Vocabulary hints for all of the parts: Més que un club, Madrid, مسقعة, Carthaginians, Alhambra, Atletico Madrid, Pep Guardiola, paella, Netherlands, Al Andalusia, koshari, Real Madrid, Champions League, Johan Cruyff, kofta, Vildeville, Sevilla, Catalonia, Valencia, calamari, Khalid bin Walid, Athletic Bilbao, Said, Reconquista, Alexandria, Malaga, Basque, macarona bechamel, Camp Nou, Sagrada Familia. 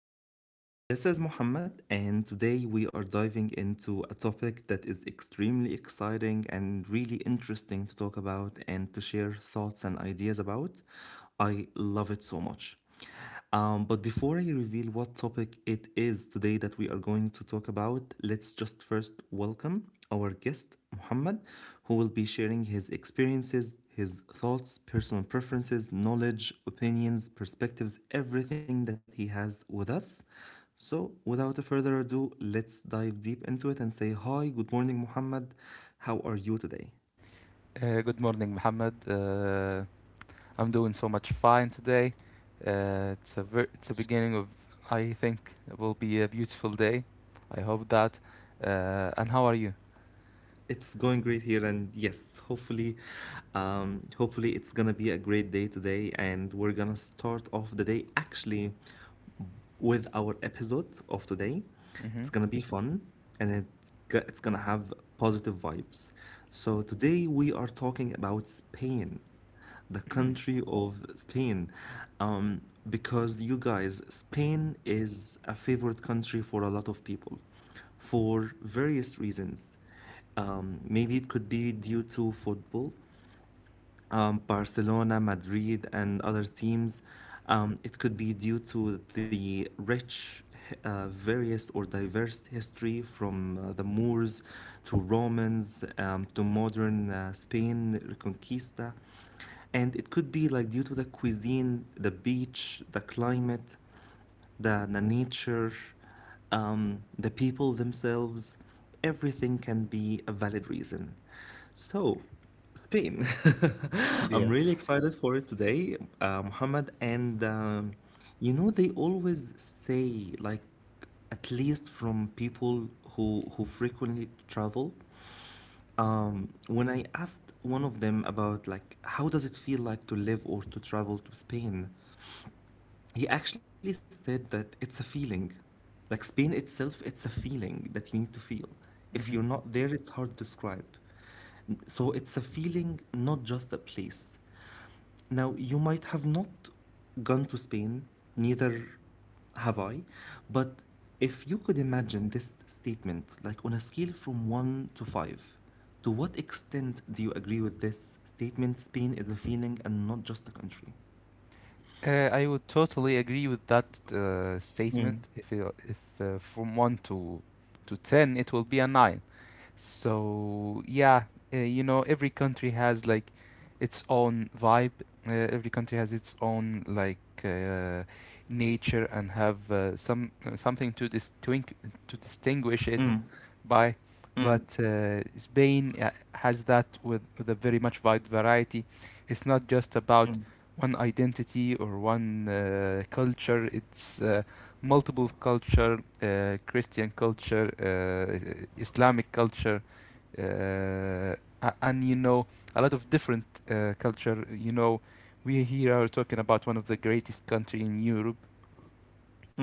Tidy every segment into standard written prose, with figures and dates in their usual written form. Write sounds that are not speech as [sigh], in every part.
everyone. This is Mohammed, and today we are diving into a topic that is extremely exciting and really interesting to talk about and to share thoughts and ideas about. I love it so much. But before I reveal what topic it is today that we are going to talk about, let's just first welcome our guest, Muhammad, who will be sharing his experiences, his thoughts, personal preferences, knowledge, opinions, perspectives, everything that he has with us. So, without further ado, let's dive deep into it and say hi, good morning, Muhammad. How are you today? Good morning, Mohammed. I'm doing so much fine today. It's a beginning of, I think, it will be a beautiful day. I hope that. And how are you? It's going great here, and yes, hopefully it's gonna be a great day today, and we're gonna start off the day. Actually, with our episode of today. Hmm. It's gonna be fun and it's gonna have positive vibes. So, today we are talking about Spain, the country of Spain. Um, because you guys, Spain is a favorite country for a lot of people for various reasons. Maybe it could be due to football, Barcelona, Madrid, and other teams. It could be due to the rich, various, or diverse history from the Moors to Romans to modern Spain, Reconquista. And it could be like due to the cuisine, the beach, the climate, the nature, the people themselves, everything can be a valid reason. So, Spain, [laughs] [laughs] I'm Yeah. really excited for it today, Muhammad. And they always say, like, at least from people who frequently travel, when I asked one of them about like how does it feel like to live or to travel to Spain, he actually said that it's a feeling. Like Spain itself, it's a feeling that you need to feel. If you're Hmm. not there, it's hard to describe. So it's a feeling, not just a place. Now, you might have not gone to Spain, neither have I, but if you could imagine this statement, like on a scale from one to five, to what extent do you agree with this statement? Spain is a feeling and not just a country. I would totally agree with that Mm, statement. If from one to ten, it will be a nine. So yeah, you know, every country has like its own vibe. Every country has its own, like, uh, nature and have some, something to distinguish it mm, by. mm, But Spain has that with a very much wide variety. It's not just about mm, one identity or one culture. It's multiple culture, Christian culture, Islamic culture, uh, and you know, a lot of different culture. You know, we here are talking about one of the greatest country in Europe,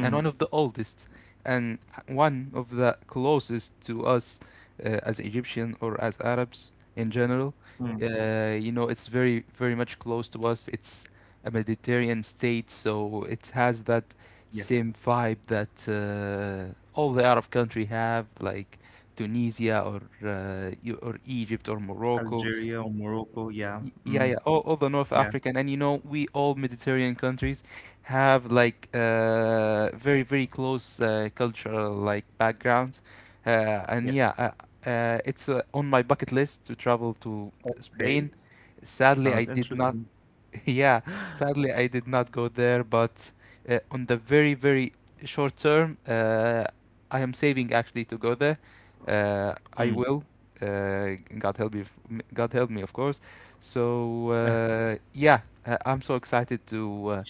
and one of the oldest and one of the closest to us as Egyptian or as Arabs in general. Mm, You know, it's very, very much close to us. It's a Mediterranean state, so it has that yes. same vibe that all the Arab country have, like Tunisia or or Egypt or Morocco. Algeria or Morocco. Yeah. Yeah, Mm, yeah, all the North yeah. African, and you know, we all Mediterranean countries have like very, very close cultural like background, uh, and yeah, Yes. uh, uh, it's uh, on my bucket list to travel to Okay. Spain. Sadly, I Sounds did not. interesting. [laughs] Yeah, sadly, I did not go there, but on the very, very short term, I am saving actually to go there. I Mm. will. Uh, God help me, God help me, of course. So [laughs] yeah, I'm so excited to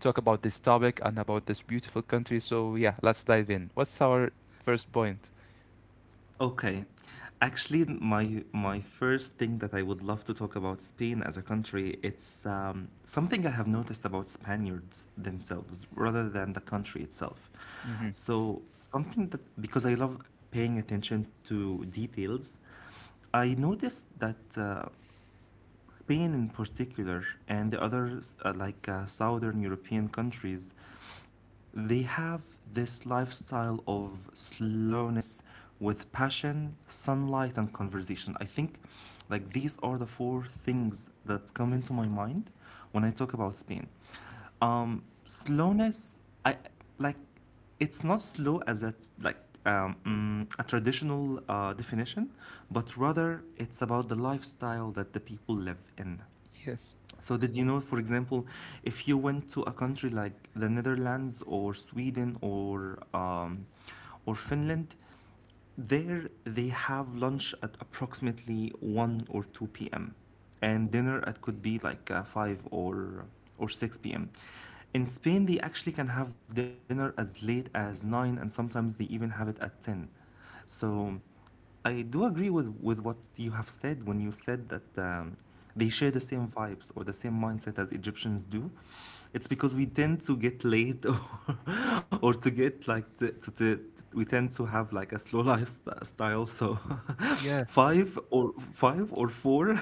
talk about this topic and about this beautiful country. So yeah, let's dive in. What's our first point? Okay. Actually, my first thing that I would love to talk about Spain as a country, it's something I have noticed about Spaniards themselves rather than the country itself. Mm-hmm. So something that because I love paying attention to details, I noticed that Spain in particular and the other southern European countries, they have this lifestyle of slowness with passion, sunlight, and conversation. I think like these are the four things that come into my mind when I talk about Spain. Slowness, I like it's not slow as a like a traditional definition, but rather it's about the lifestyle that the people live in. Yes. So did you know, for example, if you went to a country like the Netherlands or Sweden or or Finland, there, they have lunch at approximately 1 or 2 p.m. and dinner at could be like 5 or 6 p.m. In Spain, they actually can have dinner as late as 9 and sometimes they even have it at 10. So I do agree with what you have said when you said that they share the same vibes or the same mindset as Egyptians do. It's because we tend to get late [laughs] or [laughs] or to get like to we tend to have like a slow lifestyle, so Yeah. [laughs] five or four [laughs]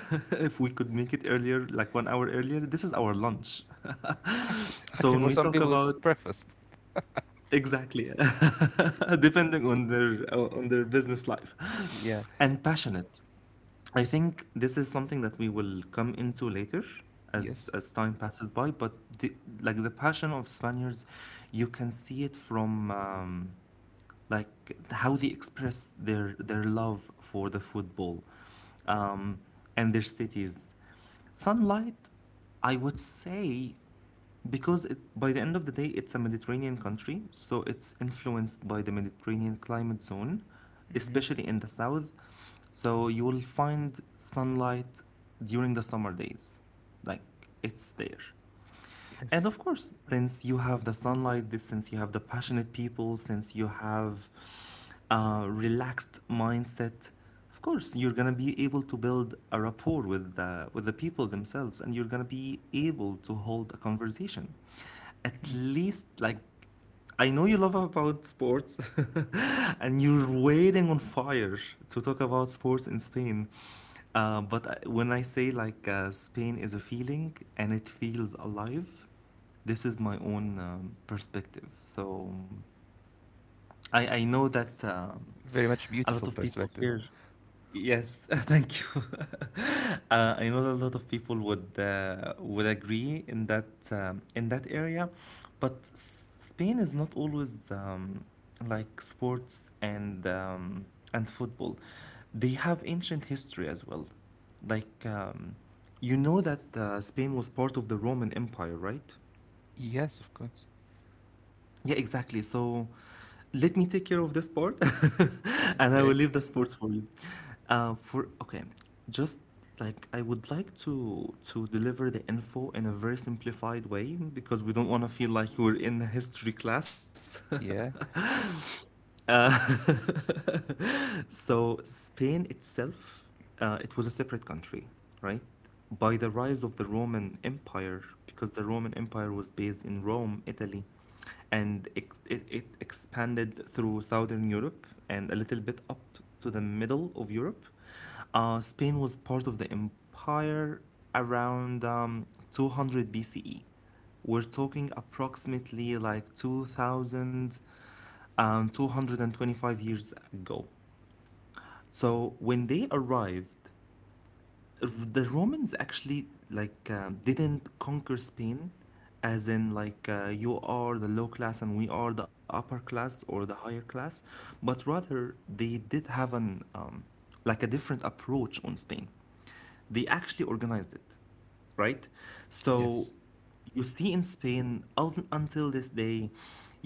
if we could make it earlier, like 1 hour earlier, this is our lunch, Actually, so actually, when for we some talk people, it's about, breakfast. exactly, Y- [laughs] depending y- on their business life. Yeah. And passionate, I think this is something that we will come into later, as Yes. as time passes by. But the the passion of Spaniards, you can see it from like how they express their love for the football um, and their cities. Sunlight, I would say, because it, by the end of the day, it's a Mediterranean country, so it's influenced by the Mediterranean climate zone, Mm-hmm. especially in the south. So you will find sunlight during the summer days. Like, it's there. Yes. And of course, since you have the sunlight, this since you have the passionate people, since you have a relaxed mindset, of course, you're gonna be able to build a rapport with the people themselves, and you're gonna be able to hold a conversation. At [laughs] least, like, I know you love about sports, [laughs] and you're waiting on fire to talk about sports in Spain. But when I say like Spain is a feeling and it feels alive, this is my own perspective. So I know that Very much a lot beautiful of people perspective. share. Yes, [laughs] thank you. [laughs] I know a lot of people would agree in that area, but Spain is not always like sports and and football. They have ancient history as well. Like, you know that Spain was part of the Roman Empire, right? Yes, of course. Yeah, exactly. So let me take care of the sport [laughs] and I will Okay. leave the sports for you. For okay, just like I would like to deliver the info in a very simplified way, because we don't want to feel like we're in a history class. [laughs] Yeah. Uh, [laughs] so Spain itself, it was a separate country, right? By the rise of the Roman Empire, because the Roman Empire was based in Rome, Italy, and it expanded through southern Europe and a little bit up to the middle of Europe. Spain was part of the empire around 200 BCE. We're talking approximately like 2000, 225 years ago. So when they arrived, the Romans actually like didn't conquer Spain, as in like you are the low class and we are the upper class or the higher class, but rather they did have an like a different approach on Spain. They actually organized it, right? So Yes. you see in Spain until this day,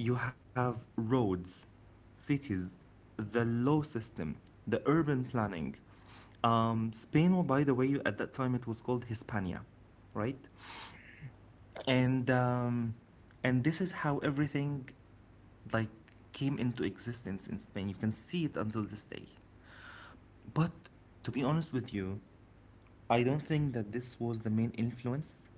you have roads, cities, the law system, the urban planning. Spain, well, by the way, at that time it was called Hispania, right? And um, and this is how everything like came into existence in Spain. You can see it until this day. But to be honest with you, I don't think that this was the main influence.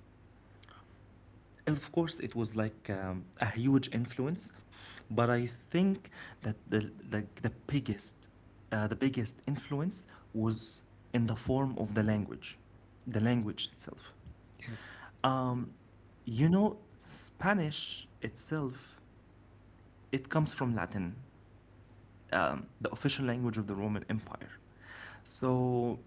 Of course, it was like a huge influence, but I think that the like the biggest influence was in the form of the language itself. Yes. You know, Spanish itself, it comes from Latin, the official language of the Roman Empire. So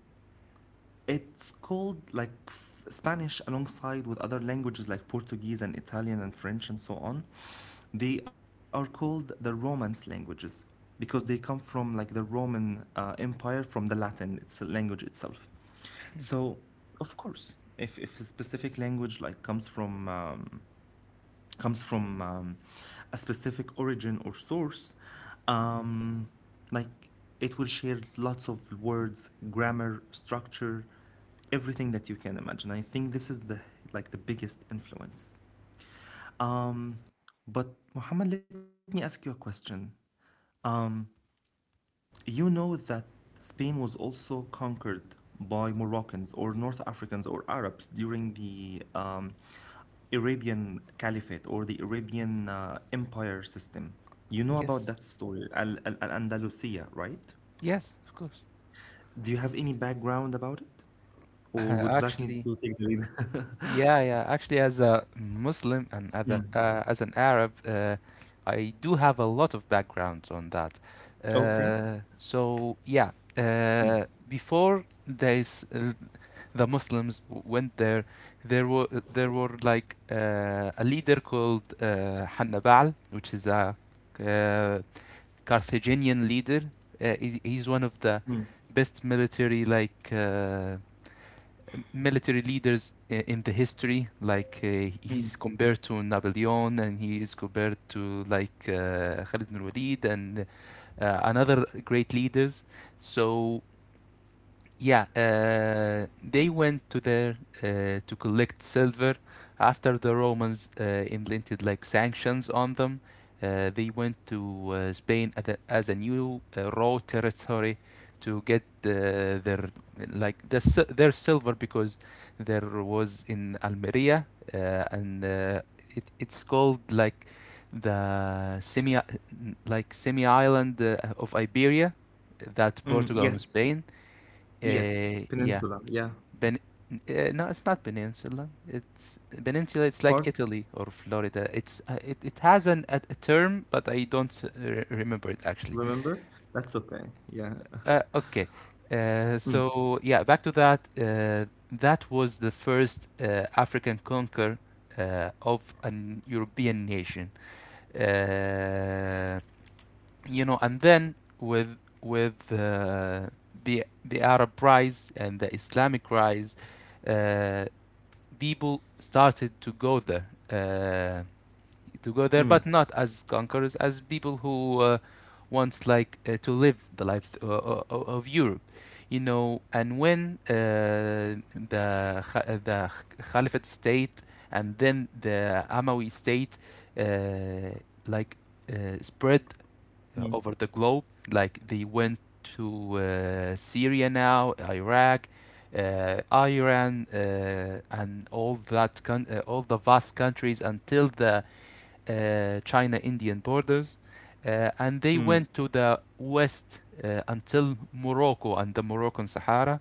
it's called like Spanish alongside with other languages like Portuguese and Italian and French and so on. They are called the Romance languages because they come from like the Roman Empire, from the Latin, its language itself. So, of course, if, a specific language like comes from a specific origin or source, um, like it will share lots of words, grammar, structure, everything that you can imagine. I think this is the biggest influence. But Muhammad, let me ask you a question. You know that Spain was also conquered by Moroccans or North Africans or Arabs during the Arabian Caliphate or the Arabian Empire system. You know about Yes. that story, Al Andalusia, right? Yes, of course. Do you have any background about it? Uh, Or would you like me actually, to take the lead? [laughs] yeah, yeah. Actually, as a Muslim and as, a, Mm. As an Arab, I do have a lot of background on that. Okay. So yeah, Mm. Before there is, the Muslims went there. There were there were a leader called Hannibal, which is a uh, Carthaginian leader. He's one of Mm. the best military military leaders in the history. Mm. He's compared to Napoleon, and he is compared to like Khalid bin Walid and another great leaders. So yeah, they went to there to collect silver after the Romans implemented like sanctions on them. They went to Spain at a, as a new raw territory to get their their silver because there was in Almeria uh, and it, it's called like the semi, like semi island of Iberia, that Mm. Portugal and Yes. Spain, Yes. Yeah, Peninsula. Yeah. Ben. No, it's not peninsula. It's peninsula. It's like Part, Italy or Florida. It it has an a term, but I don't remember it actually. remember? That's okay. Yeah. Okay. [laughs] Mm. So yeah, back to that. That was the first African conquer of an European nation. Uh, you know, and then with the Arab rise and the Islamic rise, uh, people started to go there, Mm. but not as conquerors, as people who want like to live the life, of Europe, you know. And when the Caliphate state and then the Amawi state uh, like spread Mm, over the globe. Like they went to Syria now, Iraq, Iran, and all the vast countries until the China-Indian borders, and they mm, went to the west until Morocco and the Moroccan Sahara,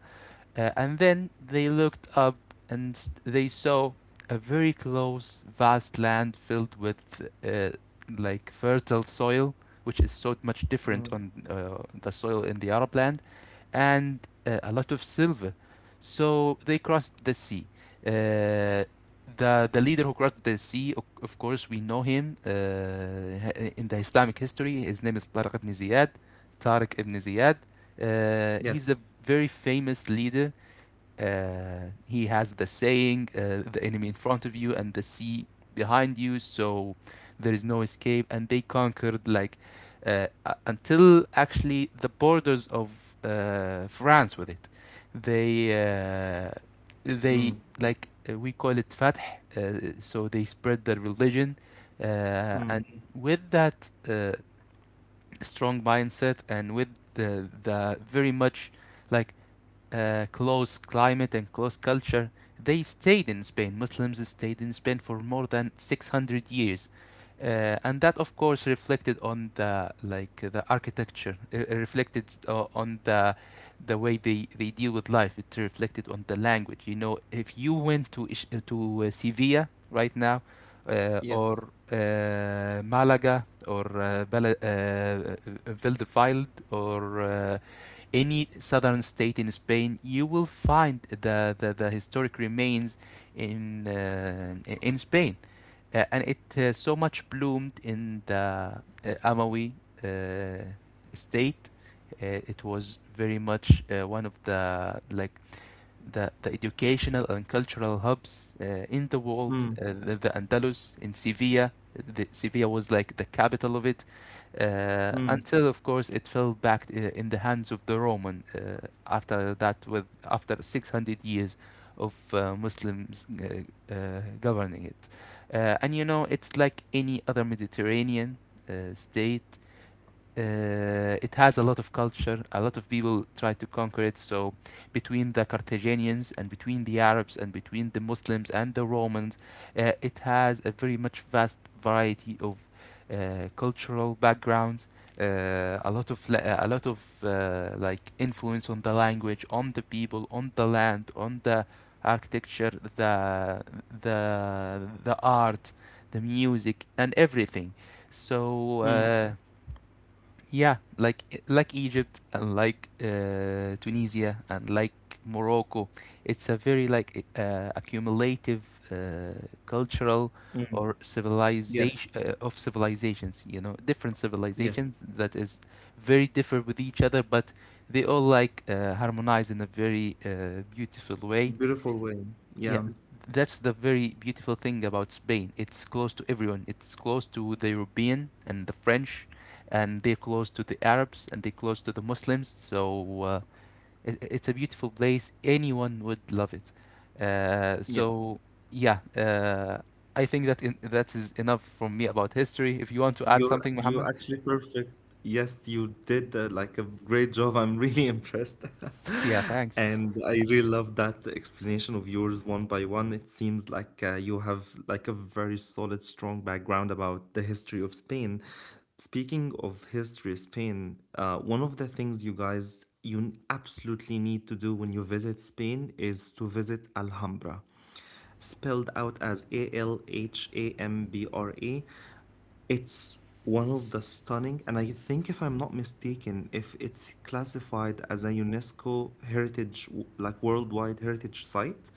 and then they looked up and they saw a very close, vast land filled with uh, like fertile soil, which is so much different mm. on the soil in the Arab land, and a lot of silver. So they crossed the sea. Uh, the leader who crossed the sea, of course, we know him in the Islamic history. His name is Tariq ibn Ziyad. Tariq ibn Ziyad. He's a Yes. very famous leader. He has the saying, the enemy in front of you and the sea behind you, so there is no escape. And they conquered like until actually the borders of France with it. They uh, they Mm, like, we call it fath, so they spread their religion, mm. and with that strong mindset and with the very much like close climate and close culture, they stayed in Spain. Muslims stayed in Spain for more than 600 years. And that, of course, reflected on the like the architecture. It reflected on the the way they deal with life. It reflected on the language. You know, if you went to Sevilla right now, or Yes. Malaga, or Vildeville, or any southern state in Spain, you will find the historic remains in uh, in Spain, and it so much bloomed in the Amawi uh, state. It was very much one of the like the educational and cultural hubs in the world. Mm, The Andalus in Sevilla, Sevilla was like the capital of it, mm, until of course it fell back in the hands of the Roman. After that, with after 600 years of Muslims governing it, and you know it's like any other Mediterranean state, it has a lot of culture. A lot of people try to conquer it. So between the Carthaginians and between the Arabs and between the Muslims and the Romans, it has a very much vast variety of cultural backgrounds. A lot of like influence on the language, on the people, on the land, on the architecture, the the art, the music, and everything. So. mm, Uh, yeah, like Egypt and like Tunisia and like Morocco, it's a very like accumulative cultural mm. or Yes. civilization of civilizations. You know, different Yes. civilizations that is very different with each other, but they all like harmonize in a very beautiful way. Beautiful way. Yeah, Yeah. that's the very beautiful thing about Spain. It's close to everyone. It's close to the European and the French, and they're close to the Arabs and they're close to the Muslims. So it, it's a beautiful place. Anyone would love it. Yes. So yeah, I think that in, that is enough from me about history. If you want to add You're something, you're Mohammed, actually perfect. Yes, you did like a great job. I'm really [laughs] impressed. [laughs] [laughs] yeah, thanks. And I really love that explanation of yours, one by one. It seems like you have like a very solid, strong background about the history of Spain. Speaking of history, Spain, one of the things, you guys, absolutely need to do when you visit Spain is to visit Alhambra, spelled out as Alhambra. It's one of the stunning, and I think, if I'm not mistaken, if it's classified as a UNESCO heritage, like worldwide heritage site,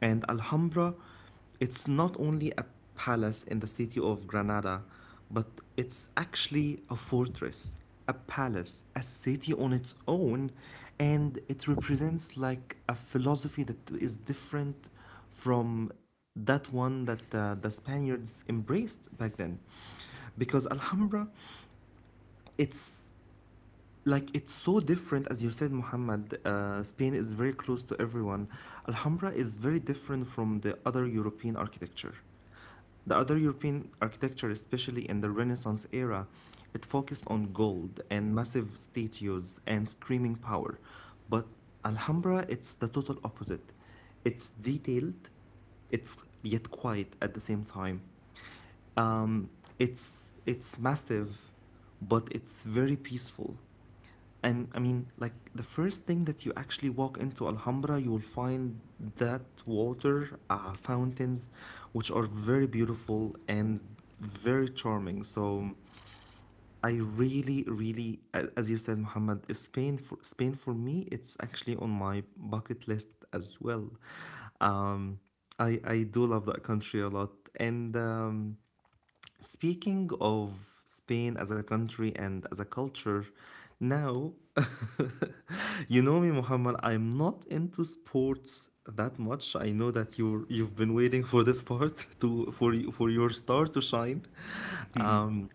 and Alhambra, it's not only a palace in the city of Granada, but it's actually a fortress, a palace, a city on its own, and it represents like a philosophy that is different from that one that the Spaniards embraced back then. Because Alhambra, it's it's so different. As you said, Muhammad, Spain is very close to everyone. Alhambra is very different from the other European architecture. The other European architecture, especially in the Renaissance era, it focused on gold and massive statues and screaming power. But Alhambra, it's the total opposite. It's detailed, it's yet quiet at the same time. um, it's massive, but it's very peaceful. And I mean, like, the first thing that you actually walk into Alhambra, you will find that water fountains, which are very beautiful and very charming. So I really, really, as you said, Mohammed, Spain for me, it's actually on my bucket list as well. Um, I do love that country a lot. And speaking of Spain as a country and as a culture, now you know me, Muhammad. I'm not into sports that much. I know that you've been waiting [laughs] for this part to for for your star to shine. Mhm. Um,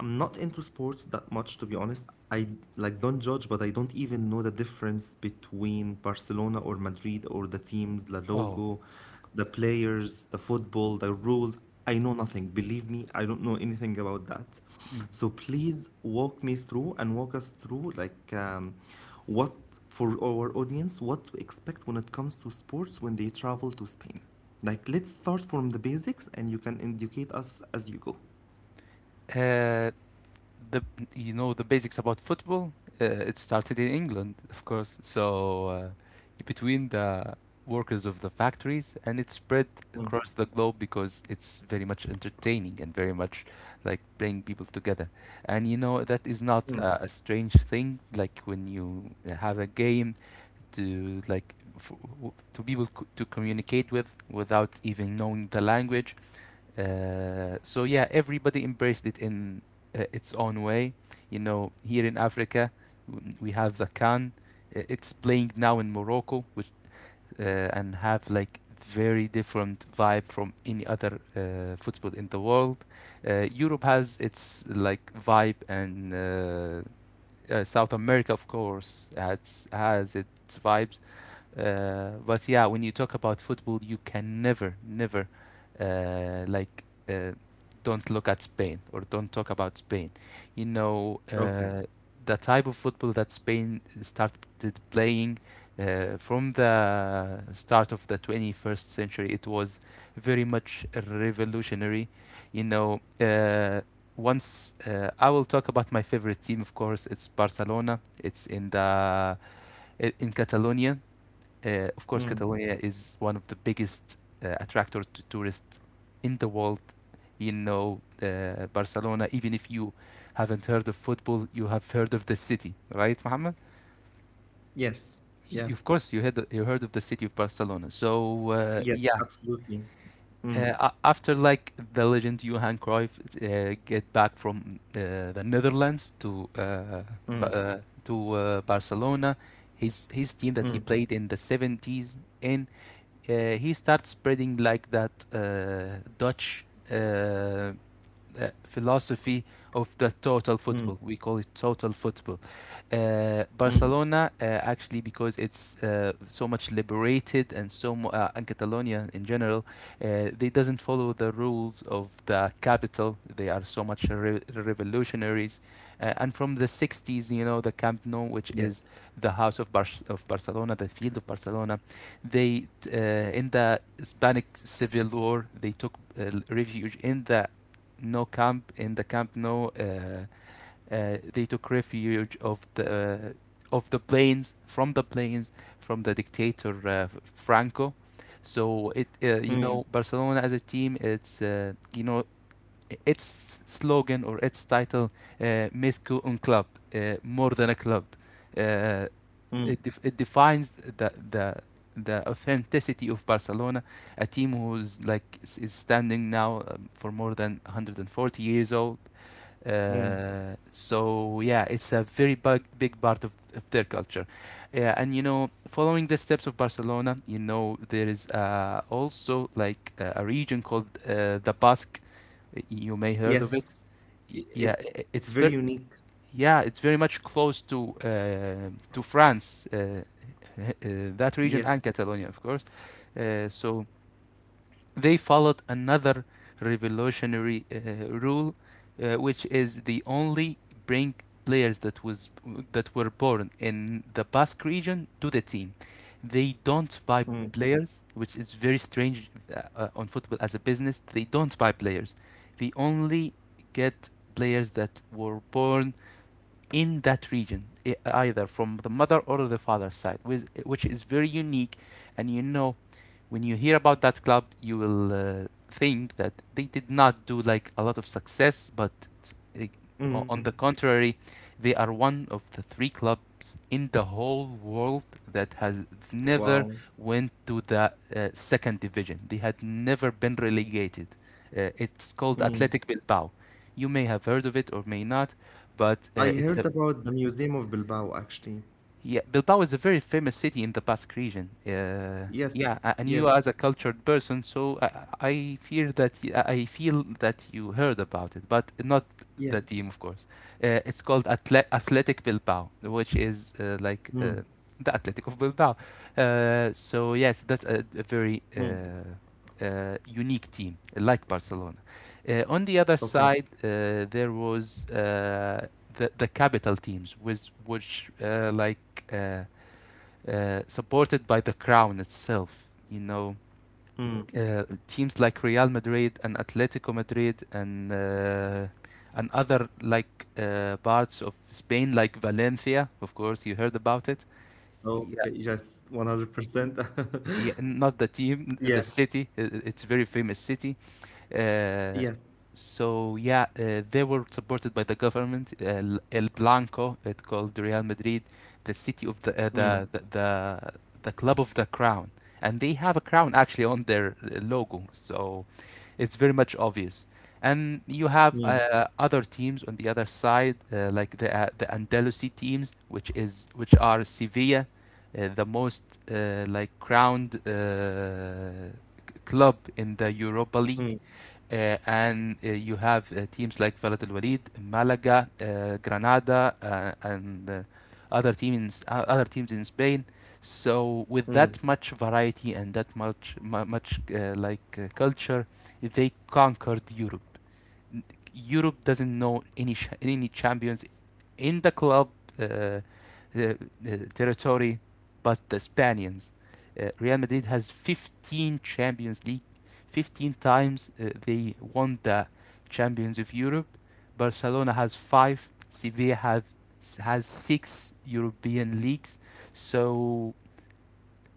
I'm not into sports that much, to be honest. I, like, don't judge, but I don't even know the difference between Barcelona or Madrid, or the teams, the Oh. logo, the players, the football, the rules. I know nothing. Believe me, I don't know anything about that. So please walk me through and walk us through, like, what for our audience, what to expect when it comes to sports when they travel to Spain. Like, let's start from the basics, and you can educate us as you go. Mm. the You know the basics about football. It started in England, of course. So between the workers of the factories, and it spread across the globe because it's very much entertaining and very much like bring people together. And you know that is not a strange thing. Like when you have a game to like. For, to people to communicate with without even knowing the language, so yeah, everybody embraced it in its own way. You know, here in Africa, we have the Can. It's playing now in Morocco, which and have like very different vibe from any other football in the world. Europe has its like vibe, and South America, of course, has its vibes. But yeah, when you talk about football, you can never, never like uh, don't look at Spain or don't talk about Spain. You know, Okay. uh, the type of football that Spain started playing from the start of the 21st century, it was very much revolutionary. You know, once I will talk about my favorite team, of course, it's Barcelona. It's in the in Catalonia. Of course, Catalonia is one of the biggest attractor to tourists in the world. You know, Barcelona, even if you haven't heard of football, you have heard of the city, right, Mohammed? Yes. Yeah. Of course, you had you heard of the city of Barcelona. So uh, Yes, yeah, absolutely. uh, Mm, a- after like the legend Johan Cruyff get back from the Netherlands to mm, Barcelona, his team that he mm, played in the 70s and he starts spreading like that Dutch uh, philosophy of the total football. mm, We call it total football. Mm. Barcelona, actually, because it's so much liberated and and Catalonia in general, they doesn't follow the rules of the capital. They are so much revolutionaries, and from the 60s, you know, the Camp Nou, which Yes. is the house of Barcelona, the field of Barcelona, they, in the Hispanic Civil War they took refuge in the no camp in the camp no they took refuge of the, of the planes, from the dictator, Franco. So it, uh, you Mm, know Barcelona as a team, it's, you know, its slogan or its title, Més que un club, more than a club. uh, mm, it, def- it defines the, the the authenticity of Barcelona, a team who's is standing now, for more than 140 years old. mm. So yeah, it's a very big big part of their culture. Yeah, and you know, following the steps of Barcelona, you know there is, also like, a region called, the Basque. You may heard of it. Yes. I- Yeah, It's I- very it's very unique. yeah, it's very much close to, to France. Uh, that region and Yes. Catalonia, of course. So they followed another revolutionary, rule, which is the only bring players that were born in the Basque region to the team. They don't buy Mm, players, which is very strange on football as a business. They don't buy players. They only get players that were born in that region, either from the mother or the father's side, which is very unique. And you know, when you hear about that club, you will, think that they did not do like a lot of success, but, uh, mm. on the contrary, they are one of the three clubs in the whole world that has never Wow. went to the, second division. They had never been relegated. It's called Athletic Mm. Bilbao. You may have heard of it or may not, but, I it's a heard about the Museum of Bilbao, actually. yeah, Bilbao is a very famous city in the Basque region. Yeah, and Yes. you, as a Yes. cultured person, so I fear that y- I feel that you heard about it, but not the team, Yeah. of course. It's called Atle Athletic Bilbao, which is, like, Mm, the Athletic of Bilbao. So yes, that's a very, mm. Unique team, like Barcelona. On the other side, Okay. There was, the capital teams, with which, supported by the crown itself. You know, Mm. Teams like Real Madrid and Atletico Madrid and other, like, parts of Spain, like Valencia. Of course, you heard about it. Yeah, Okay. Yes. 100%. [laughs] yeah. Not the team, the Yeah. city. It's a very famous city. Uh, Yes. so yeah, they were supported by the government. El Blanco, it called Real Madrid, the city of the, uh, the Mm, the the the club of the crown, and they have a crown actually on their, logo, so it's very much obvious. And you have, mm, other teams on the other side, like the Andalusi teams, which are Sevilla, the most, like, crowned, club in the Europa League. mm, And You have, teams like Velad Al Walid, Malaga, Granada, and other teams in Spain. So with that mm. much variety and that much, like, culture, they conquered Europe. Europe doesn't know any champions in the club, uh, uh, uh, territory, but the Spaniards. Real Madrid has 15 Champions League. 15 times, they won the Champions of Europe. Barcelona has five. Sevilla have has six European leagues. So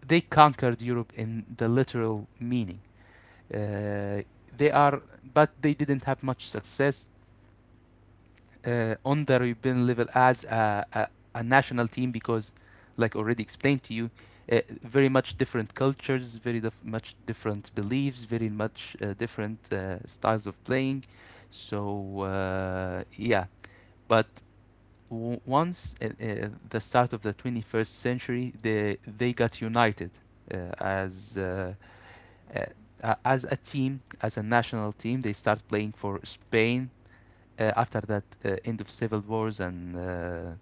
they conquered Europe in the literal meaning. Uh, they are, but they didn't have much success, on the European level as a national team, because, like already explained to you, very much different cultures, very much different beliefs, very much, different, styles of playing. So yeah, but once, the start of the 21st century, they got united, uh, as. Uh, uh, as a team, as a national team, they start playing for Spain, after that, end of civil wars, and uh,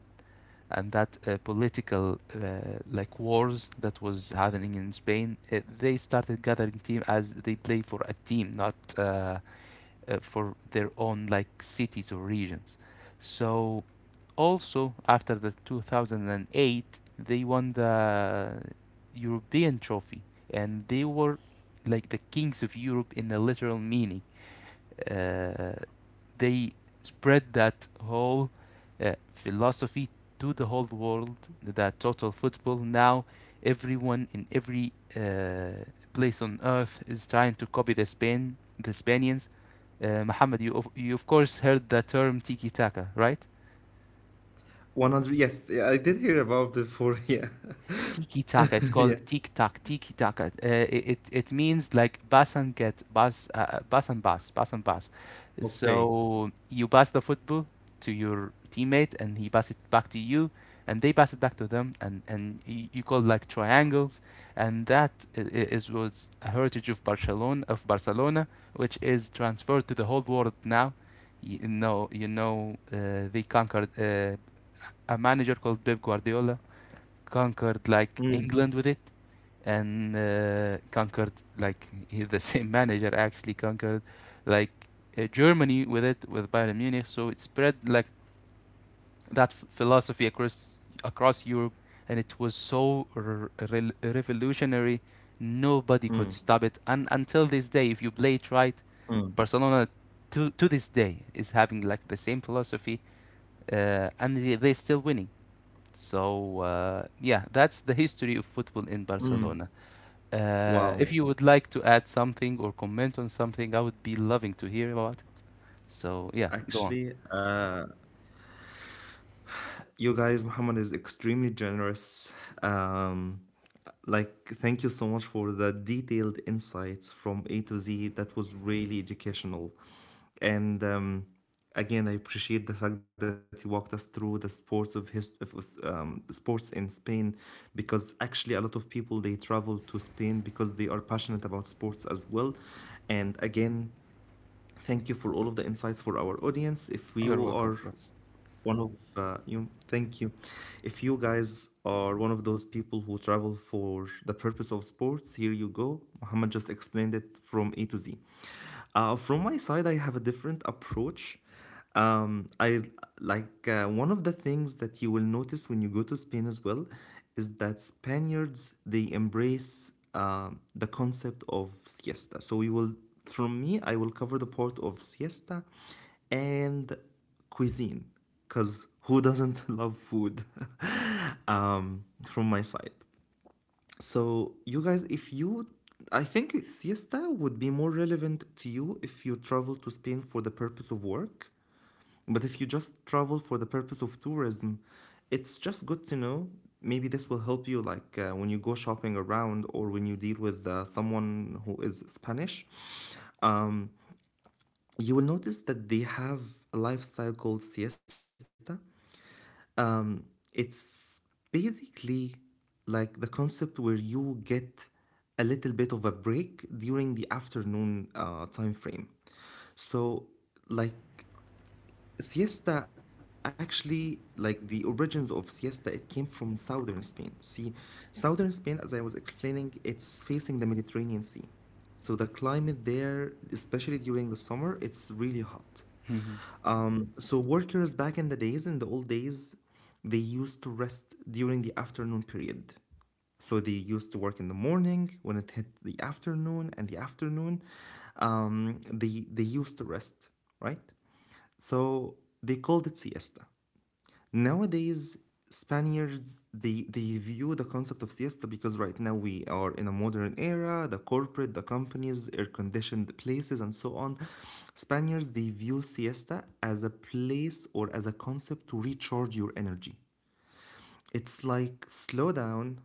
and that, political, like wars that was happening in Spain. They started gathering team as they play for a team, not, for their own, like, cities or regions. So also after the 2008, they won the European trophy and they were like the kings of Europe in the literal meaning. uh, they spread that whole, philosophy to the whole world, that total football. Now everyone in every, place on earth is trying to copy the Spaniards. Mohammed, you of course heard the term tiki taka, right? 100. Yes, yeah, I did hear about before. [laughs] Yeah. Tiki taka. It's [laughs] called Yeah. Tiki taka. It means like pass and get pass, bus and pass, pass and pass. Okay. So you pass the football to your teammate, and he pass it back to you, and they pass it back to them, and you call like triangles, and that is was a heritage of Barcelona, which is transferred to the whole world now. You know, they conquered A manager called Pep Guardiola conquered like Mm, England with it, and conquered, like, [laughs] the same manager actually conquered like, Germany with it, with Bayern Munich. So it spread like that philosophy across Europe, and it was so revolutionary. Nobody could mm, stop it, and until this day, if you play it right, mm. Barcelona, to this day, is having like the same philosophy, and they're still winning. So yeah, that's the history of football in Barcelona. If Wow. you would like to add something or comment on something, I would be loving to hear about it. So yeah, go on. Actually, you guys, Muhammad is extremely generous. Um, like, thank you so much for the detailed insights from A to Z. That was really educational. And again, I appreciate the fact that you walked us through the sports of his of, sports in Spain, because actually a lot of people, they travel to Spain because they are passionate about sports as well. And again, thank you for all of the insights. For our audience, if You're you welcome, are of course. one of thank you. If you guys are one of those people who travel for the purpose of sports, here you go. Muhammad just explained it from A to Z. From my side, I have a different approach. I like One of the things that you will notice when you go to Spain as well is that Spaniards, they embrace the concept of siesta. So we will, from me, I will cover the part of siesta and cuisine, because who doesn't [laughs] love food? [laughs] um, from my side. So you guys, if you I think siesta would be more relevant to you if you travel to Spain for the purpose of work, but if you just travel for the purpose of tourism, it's just good to know. Maybe this will help you, like, when you go shopping around or when you deal with someone who is Spanish, you will notice that they have a lifestyle called siesta. It's basically, like, the concept where you get a little bit of a break during the afternoon time frame. So, like, siesta, actually, like, the origins of siesta, it came from southern Spain. See, southern Spain, as I was explaining, it's facing the Mediterranean Sea, so the climate there, especially during the summer, it's really hot. Mhm. So workers back in the days, in the old days, they used to rest during the afternoon period. So they used to work in the morning. When it hit the afternoon and the afternoon, they used to rest, right? So they called it siesta. Nowadays, Spaniards, they view the concept of siesta, because right now we are in a modern era, the corporate, the companies, air-conditioned places, and so on. Spaniards, they view siesta as a place or as a concept to recharge your energy. It's like slow down.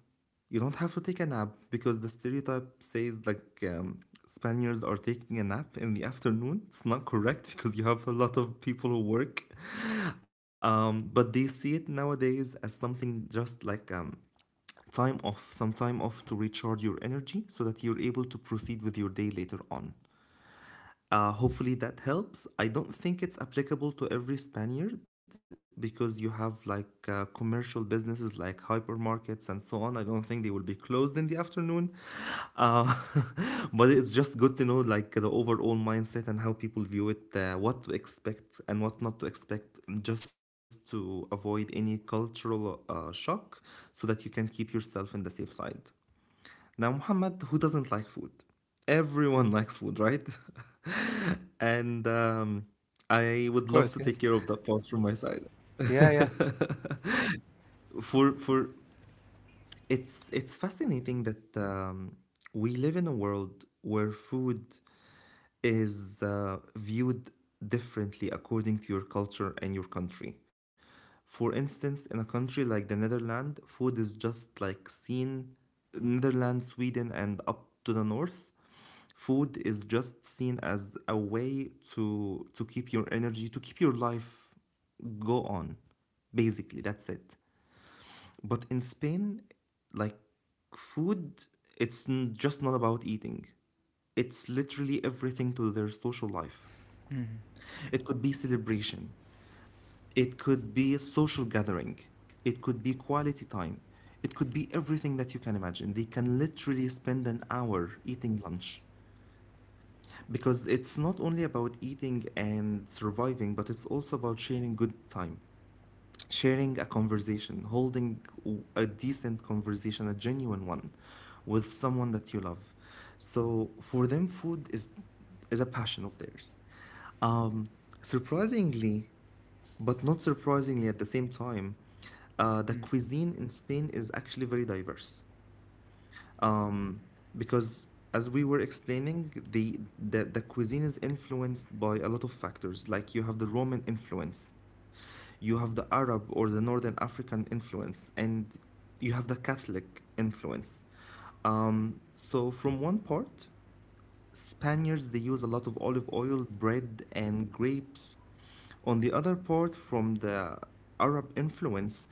You don't have to take a nap, because the stereotype says, like, Spaniards are taking a nap in the afternoon. It's not correct, because you have a lot of people who work. But they see it nowadays as something just like, time off, some time off to recharge your energy so that you're able to proceed with your day later on. Hopefully that helps. I don't think it's applicable to every Spaniard, because you have like commercial businesses, like hypermarkets and so on. I don't think they will be closed in the afternoon. Uh, [laughs] but it's just good to know, like, the overall mindset and how people view it, what to expect and what not to expect, just to avoid any cultural shock, so that you can keep yourself in the safe side. Now, Muhammad, who doesn't like food? Everyone likes food, right? [laughs] and Of I would course, love yes. to take care of that part from my side. Yeah, yeah. [laughs] For it's fascinating that, we live in a world where food is viewed differently according to your culture and your country. For instance, in a country like the Netherlands, food is just like seen, Netherlands, Sweden, and up to the north, food is just seen as a way to keep your energy, to keep your life go on. Basically, that's it. But in Spain, like, food, just not about eating. It's literally everything to their social life. It could be celebration, it could be a social gathering, it could be quality time, it could be everything that you can imagine. They can literally spend an hour eating lunch, because it's not only about eating and surviving, but it's also about sharing good time, sharing a conversation, holding a decent conversation, a genuine one, with someone that you love. So for them, food is a passion of theirs. Um, Surprisingly, but not surprisingly at the same time, the cuisine in Spain is actually very diverse, um, because, as we were explaining, the cuisine is influenced by a lot of factors. Like, you have the Roman influence, you have the Arab or the Northern African influence, and you have the Catholic influence. So from one part, Spaniards, they use a lot of olive oil, bread, and grapes. On the other part, from the Arab influence,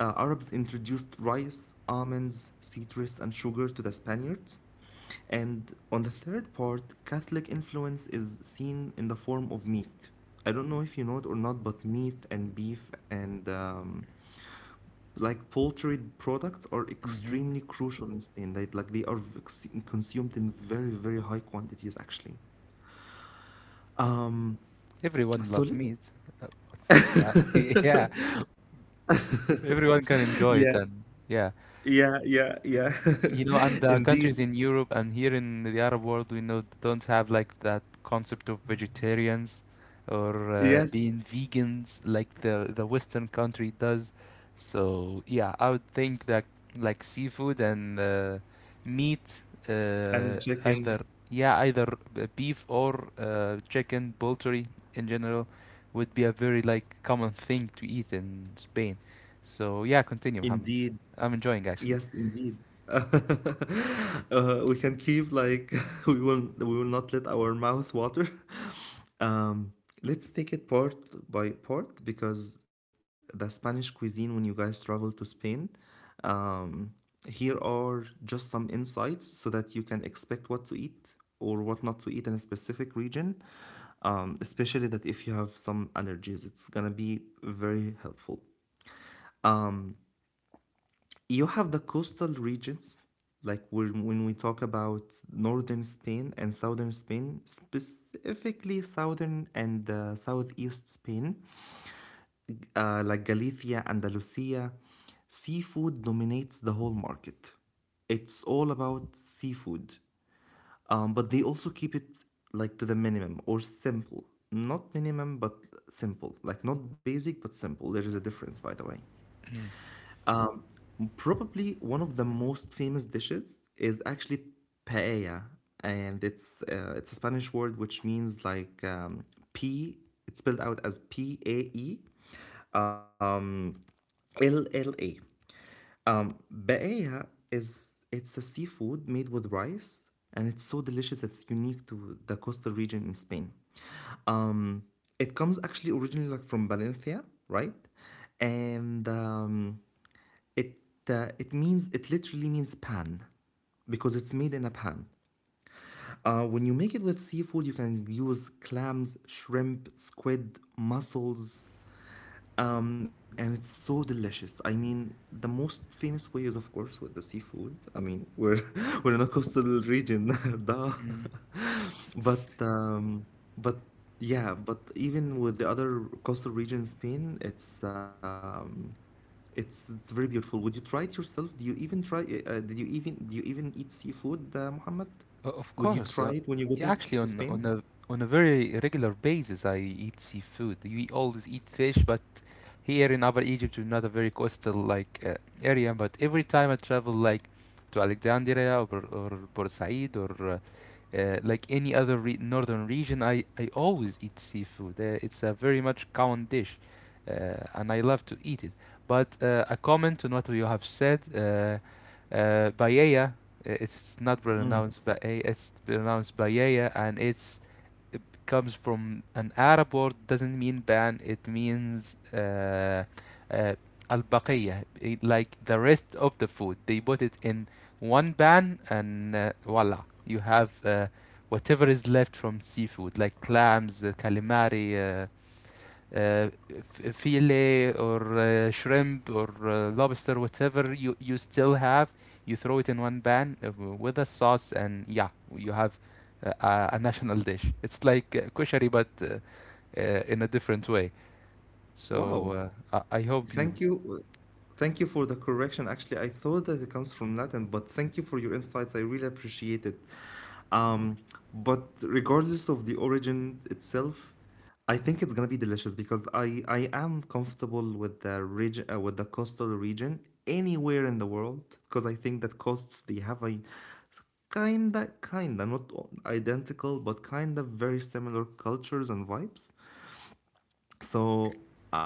Arabs introduced rice, almonds, citrus, and sugar to the Spaniards. And on the third part, Catholic influence is seen in the form of meat. I don't know if you know it or not, but meat and beef and, like, poultry products are Mm-hmm. extremely crucial in Spain. They are consumed in very, very high quantities, actually. Mm, Everyone love Stolitz? meat. [laughs] Yeah, everyone can enjoy Yeah, it, and yeah. yeah, yeah, yeah. You know, and [laughs] the Indeed. countries in Europe and here in the Arab world, we know don't have like that concept of vegetarians, or, Yes. being vegans, like the Western country does. So yeah, I would think that like seafood and, meat, uh, And either chicken. yeah, beef, or, chicken, poultry in general, would be a very, like, common thing to eat in Spain. So yeah, continue, Mohammed. Indeed. I'm enjoying, Yes, actually. indeed. We can keep, like, [laughs] we will, we will not let our mouth water. [laughs] um, let's take it part by part, because the Spanish cuisine, when you guys travel to Spain, um, here are just some insights so that you can expect what to eat or what not to eat in a specific region. Especially that if you have some allergies, it's gonna be very helpful. You have the coastal regions, like when we talk about northern Spain and southern Spain, specifically southern and southeast Spain, like Galicia, Andalusia, seafood dominates the whole market. It's all about seafood. But they also keep it, like, to the minimum or simple. Not minimum, but simple. Like, not basic, but simple. There is a difference, by the way. Probably one of the most famous dishes is actually paella, and it's a Spanish word, which means, like, P. It's spelled out as Paella. Paella is, it's a seafood made with rice, and it's so delicious. It's unique to the coastal region in Spain. Um, it comes actually originally, like, from Valencia, right? And It it means, it literally means pan, because it's made in a pan. When you make it with seafood, you can use clams, shrimp, squid, mussels, and it's so delicious. I mean, the most famous way is, of course, with the seafood. I mean, we're [laughs] we're in a coastal region, [laughs] duh. But [laughs] um, but yeah, but even with the other coastal region in Spain, it's, it's very beautiful. Would you try it yourself? Do you even try? Did you even Do you even eat seafood, Muhammad? Of Would you course. try it when you go to Yeah, actually, Spain? On a very regular basis, I eat seafood. We always eat fish, but here in Upper Egypt, we're not a very coastal, like, area. But every time I travel, like to Alexandria or Said, or like any other re northern region, I always eat seafood. It's a very much common dish, uh, and I love to eat it. But a comment on what you have said. Paella. It's not Mm. pronounced by A, it's pronounced by Yaya, and it comes from an Arab word, doesn't mean ban, it means, uh, al-baqiyah, like the rest of the food. They put it in one pan, and, voila, you have, whatever is left from seafood, like clams, calamari, uh, fillet, or, shrimp, or, lobster, whatever you still have. You throw it in one pan, with a sauce, and yeah, you have, a national dish. It's like, koshari, but, in a different way. Wow. So I hope you, Thank you. Thank you for the correction. Actually, I thought that it comes from Latin, but thank you for your insights. I really appreciate it. Um, but regardless of the origin itself, I think it's gonna be delicious because I am comfortable with the region with the coastal region anywhere in the world because I think that coasts they have a kinda kinda not o- identical but kinda very similar cultures and vibes so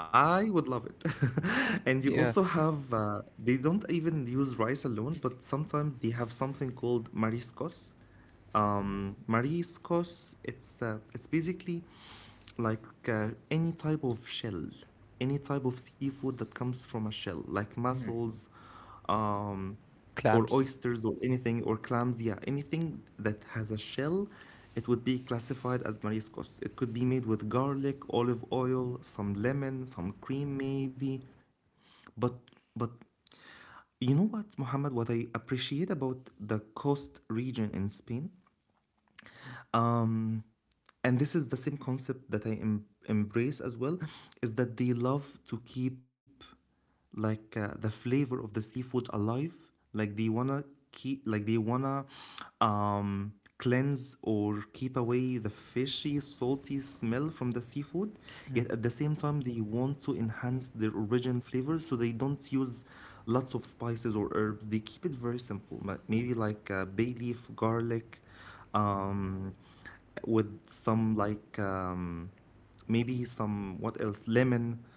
I would love it. [laughs] And you yeah. also have, they don't even use rice alone, but sometimes they have something called mariscos. Mariscos, it's basically like any type of shell, any type of seafood that comes from a shell, like Mm. mussels, um, or Clams. oysters or anything or clams, yeah, anything that has a shell, it would be classified as mariscos. It could be made with garlic, olive oil, some lemon, some cream maybe, but but you know what, Mohammed, what I appreciate about the coast region in Spain, um and this is the same concept that I embrace as well, is that they love to keep like the flavor of the seafood alive. Like they wanna keep, like they wanna cleanse or keep away the fishy, salty smell from the seafood. Mm. Yet at the same time, they want to enhance their origin flavor, so they don't use lots of spices or herbs. They keep it very simple, maybe like bay leaf, garlic, um with some like maybe some, what else, lemon,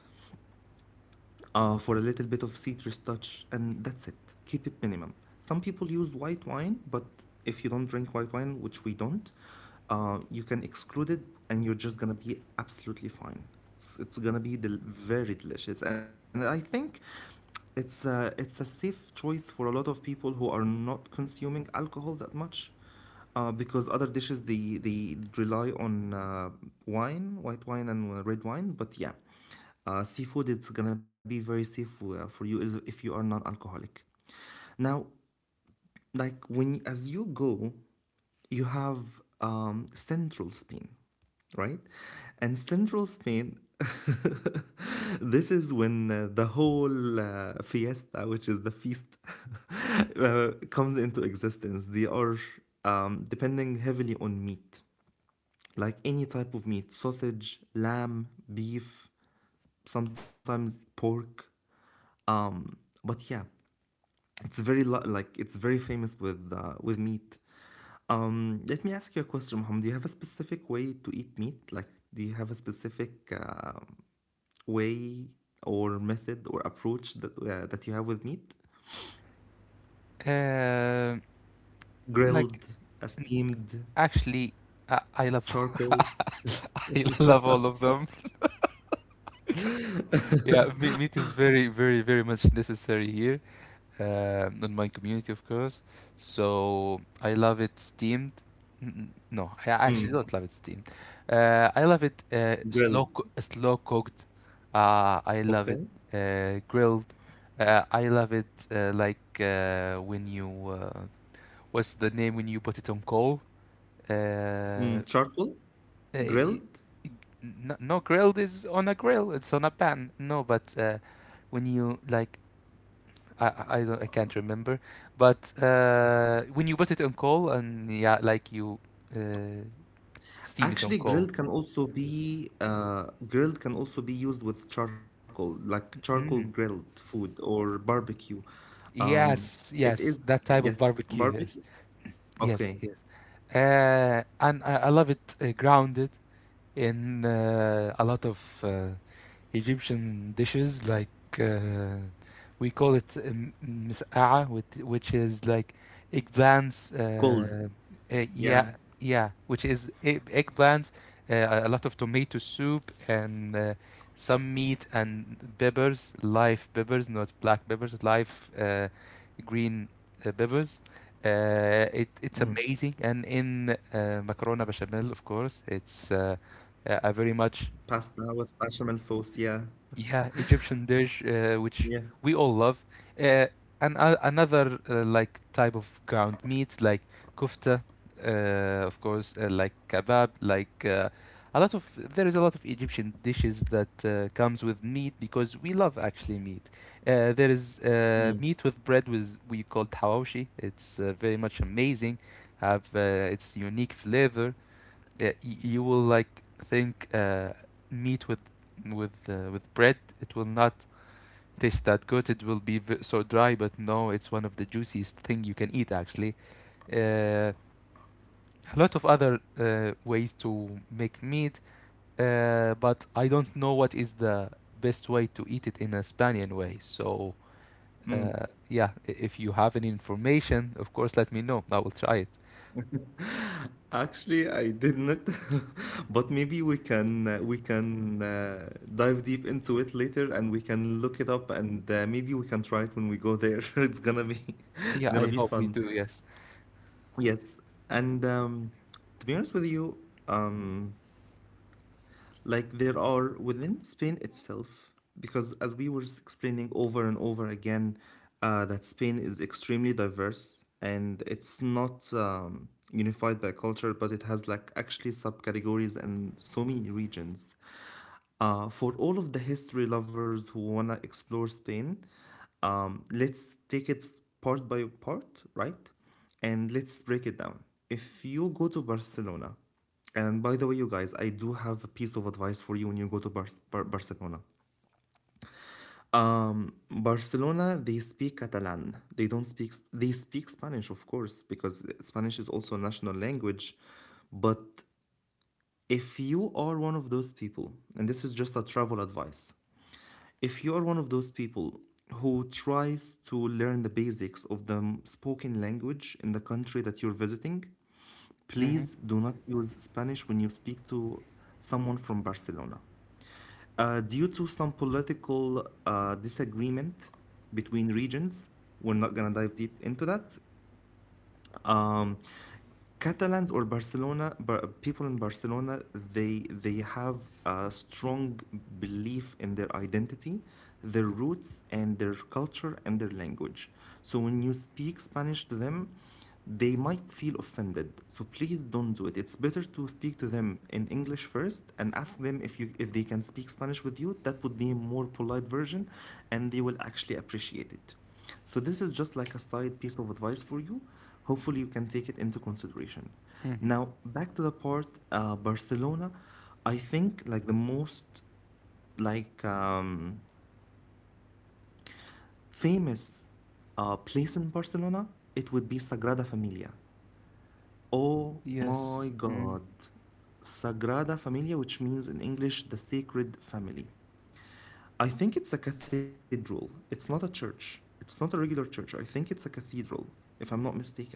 for a little bit of citrus touch, and that's it. Keep it minimum. Some people use white wine, but if you don't drink white wine, which we don't, you can exclude it, and you're just gonna be absolutely fine. It's gonna be very delicious, and I think it's a safe choice for a lot of people who are not consuming alcohol that much. Because other dishes they rely on wine, white wine, and red wine, but yeah, seafood, it's gonna be very safe for you if you are non-alcoholic. Now, like when, as you go, you have central Spain, right? And central Spain, this is when the whole fiesta, which is the feast, [laughs] comes into existence. They are depending heavily on meat, like any type of meat, sausage, lamb, beef, sometimes pork, um, but yeah, it's very like it's very famous with meat. Let me ask you a question, Mohammed. Do you have a specific way to eat meat? Like, do you have a specific way or method or approach that that you have with meat? Uh, like, Grilled, n- steamed, Actually, I love charcoal. [laughs] I love all of them. Yeah, [laughs] meat is very, very, very much necessary here. On my community, of course. So I love it steamed. No, I actually Mm, don't love it steamed. I love it, grilled. Slow cooked. I love it, Okay. Grilled. I love it, like, when you uh, what's the name when you put it on coal? Mm, Uh, charcoal, eh, grilled. No, grilled is on a grill. It's on a pan. No, but, when you, like, I can't remember, but, when you put it on coal, and yeah, like you, uh, steam it on Actually, coal. grilled can also be grilled can also be used with charcoal, like charcoal grilled Mm. food or barbecue. Um, Yes, it is, yes, that type yes, of barbecue. barbecue. Yes, Okay, yes, yes. And I love it, grounded in, a lot of, Egyptian dishes, like, uh, we call it, مسقعة, which is like eggplants. cold. Yeah, Yeah, yeah, which is eggplants, a lot of tomato soup, and, some meat and peppers, live peppers, not black peppers, live, green, peppers. Uh, it mm. it's amazing, and in, macarona bechamel, of course, it's, a very much, Pasta with bechamel sauce. Yeah, yeah, Egyptian dish, yeah. Which we all love. Uh, and another, like, type of ground meat, like kofta, uh, of course, like kebab, like, a lot of there is a lot of Egyptian dishes that, comes with meat because we love, actually, meat. There is, Mm. Meat with bread, with we call hawashi. It's, very much amazing. Have, its unique flavor. uh, you will, like, think, meat with, with bread, it will not taste that good. It will be so dry, but no, it's one of the juiciest thing you can eat, actually. uh, a lot of other, ways to make meat, but I don't know what is the best way to eat it in a Spanian way. so Mm. uh, yeah, if you have any information, of course, let me know. I will try it. Actually, I didn't, [laughs] but maybe we can dive deep into it later, and we can look it up, and maybe we can try it when we go there. [laughs] It's gonna be [laughs] it's Yeah, gonna I be hope we fun. do. Yes. Yes, and to be honest with you, um, like there are within Spain itself, because as we were explaining over and over again, that Spain is extremely diverse and it's not unified by culture, but it has like actually subcategories and so many regions. For all of the history lovers who want to explore Spain, let's take it part by part, right? And let's break it down. If you go to Barcelona, and by the way, you guys, I do have a piece of advice for you when you go to Barcelona. Barcelona, they speak Catalan. They don't speak. They speak Spanish, of course, because Spanish is also a national language, but if you are one of those people, and this is just a travel advice, if you are one of those people who tries to learn the basics of the spoken language in the country that you're visiting, Mm-hmm. please do not use Spanish when you speak to someone from Barcelona. Due to some political disagreement between regions, we're not going to dive deep into that. um, Catalans, or people in Barcelona, they have a strong belief in their identity, their roots and their culture and their language. So when you speak Spanish to them, they might feel offended. So please don't do it. It's better to speak to them in English first and ask them if you, if they can speak Spanish with you. That would be a more polite version and they will actually appreciate it. So, this is just like a side piece of advice for you. Hopefully, you can take it into consideration. Mm-hmm. Now, back to the part, Barcelona. I think like the most like famous place in Barcelona, it would be Sagrada Familia. Oh my Yes. Mm. God, Sagrada Familia, which means in English the Sacred Family. I think it's a cathedral. It's not a church. It's not a regular church. I think it's a cathedral, if I'm not mistaken.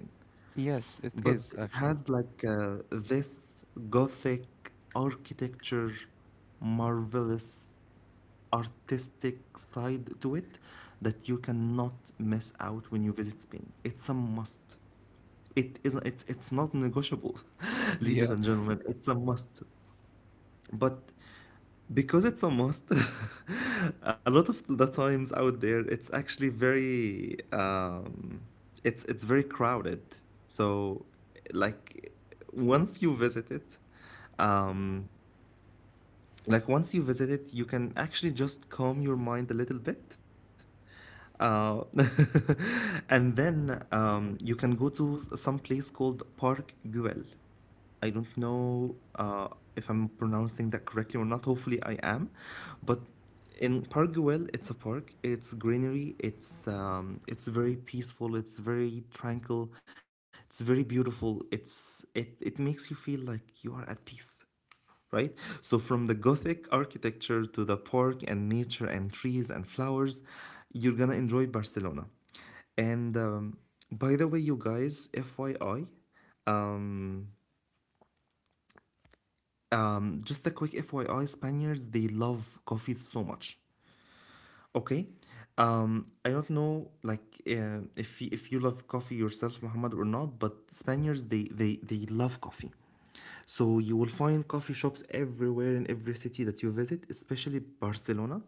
Yes, it But is, it actually. has like this Gothic architecture, marvelous artistic side to it that you cannot miss out when you visit Spain. It's a must. It isn't, it's not negotiable, [laughs] ladies Yeah. and gentlemen. It's a must. But because it's a must, [laughs] a lot of the times out there, it's actually very, it's very crowded. So, like, once you visit it, um, like once you visit it, you can actually just calm your mind a little bit. Uh, [laughs] and then you can go to some place called Park Güell. I don't know if I'm pronouncing that correctly or not. Hopefully, I am. But in Park Güell, it's a park. It's greenery. It's very peaceful. It's very tranquil. It's very beautiful. It makes you feel like you are at peace, right? So from the Gothic architecture to the park and nature and trees and flowers, you're gonna enjoy Barcelona. And by the way, you guys, FYI, um, just a quick FYI, Spaniards they love coffee so much. Okay, I don't know like if you love coffee yourself, Muhammad, or not, but Spaniards they love coffee. So you will find coffee shops everywhere in every city that you visit, especially Barcelona,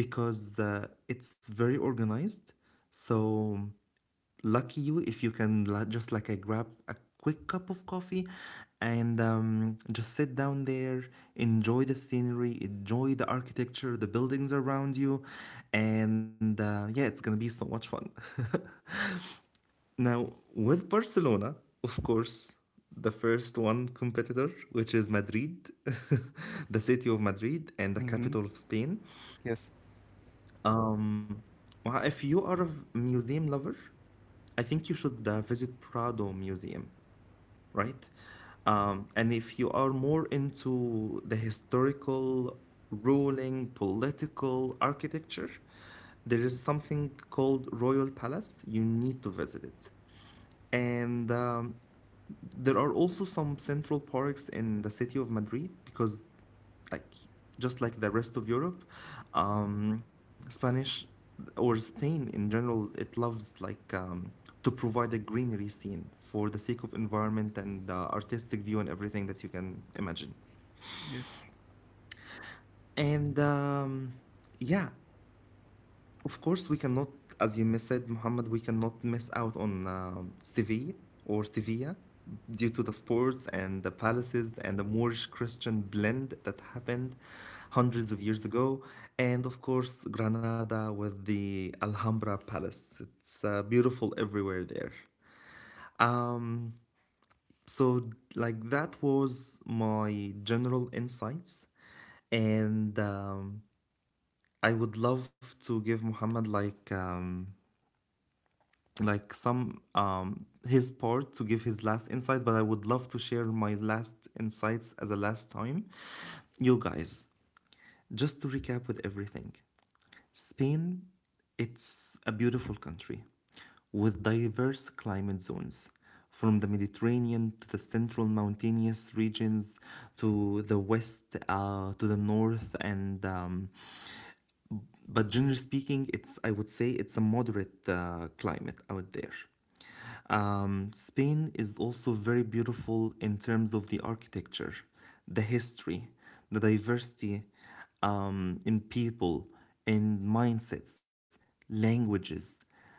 because it's very organized. So lucky you if just like I grab a quick cup of coffee and just sit down there, enjoy the scenery, enjoy the architecture, the buildings around you, and yeah, it's gonna be so much fun. [laughs] Now with Barcelona, of course, the first one competitor, which is Madrid, [laughs] the city of Madrid and the Mm-hmm. capital of Spain. Yes. Um, well, if you are a museum lover, I think you should visit Prado Museum, right? And if you are more into the historical, ruling, political architecture, there is something called Royal Palace. You need to visit it. And there are also some central parks in the city of Madrid because, like, just like the rest of Europe, Spanish or Spain in general, it loves like to provide a greenery scene for the sake of environment and artistic view and everything that you can imagine. Yes. And yeah, of course, we cannot, as you said, Muhammad, we cannot miss out on Seville or Sevilla due to the sports and the palaces and the Moorish Christian blend that happened hundreds of years ago. And of course, Granada with the Alhambra Palace. It's beautiful everywhere there. Um, so, like, that was my general insights. And I would love to give Muhammad like some his part to give his last insights, but I would love to share my last insights as a last time, you guys, just to recap with everything. Spain, it's a beautiful country with diverse climate zones, from the Mediterranean to the central mountainous regions, to the west, to the north, and but generally speaking, it's, I would say it's a moderate climate out there. Spain is also very beautiful in terms of the architecture, the history, the diversity in people, in mindsets, languages,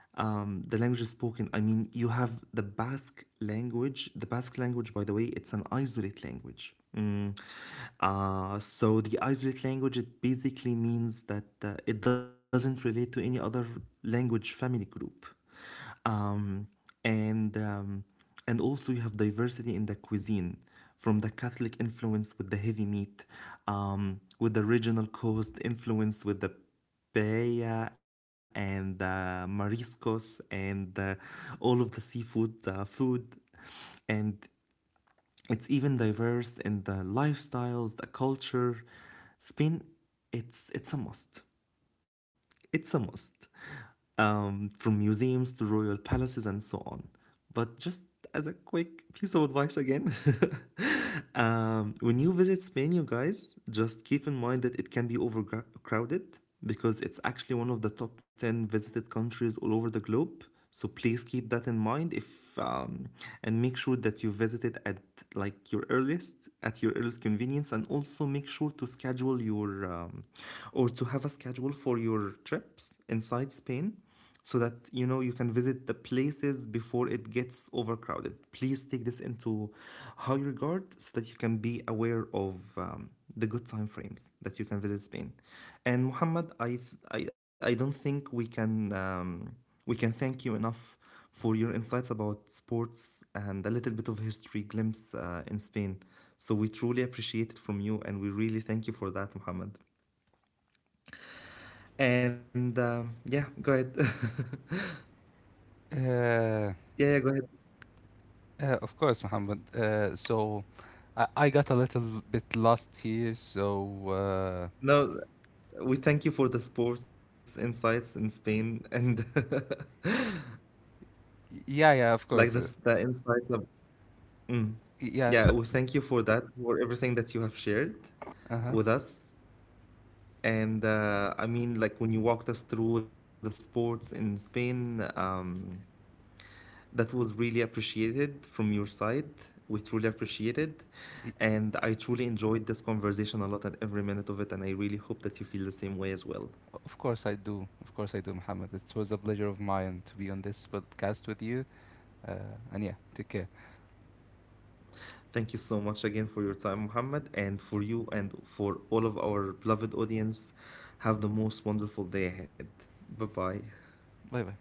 the language is spoken. I mean, you have the Basque language. The Basque language, by the way, it's an isolate language. Mm. So the isolate language, it basically means that it doesn't relate to any other language family group, um, and um, and also you have diversity in the cuisine, from the Catholic influence with the heavy meat, with the regional coast influence with the paella and the mariscos and all of the seafood food, and it's even diverse in the lifestyles, the culture. Spain, it's a must. It's a must. From museums to royal palaces and so on. But just as a quick piece of advice again, [laughs] when you visit Spain, you guys, just keep in mind that it can be overcrowded because it's actually one of the top 10 visited countries all over the globe. So please keep that in mind if and make sure that you visit it at like your earliest, at your earliest convenience, and also make sure to schedule your or to have a schedule for your trips inside Spain so that you know you can visit the places before it gets overcrowded. Please take this into high regard so that you can be aware of the good time frames that you can visit Spain. And Muhammad, I don't think we can thank you enough for your insights about sports and a little bit of history glimpse in Spain. So we truly appreciate it from you, and we really thank you for that, Muhammad. And yeah, go ahead. [laughs] Uh, Yeah, yeah, go ahead. Of course, Muhammad. So I got a little bit lost here. So No, we thank you for the sports insights in Spain and yeah, yeah, of [laughs] like course. This the insights of. Mm. Yeah. Yeah, we thank you for that, for everything that you have shared Uh-huh. with us. And I mean, like when you walked us through the sports in Spain, that was really appreciated from your side. We truly appreciate it. Y- And I truly enjoyed this conversation a lot and every minute of it. And I really hope that you feel the same way as well. Of course I do. Of course I do, Muhammad. It was a pleasure of mine to be on this podcast with you. And yeah, take care. Thank you so much again for your time, Mohammed, and for you and for all of our beloved audience. Have the most wonderful day ahead. Bye bye. Bye bye.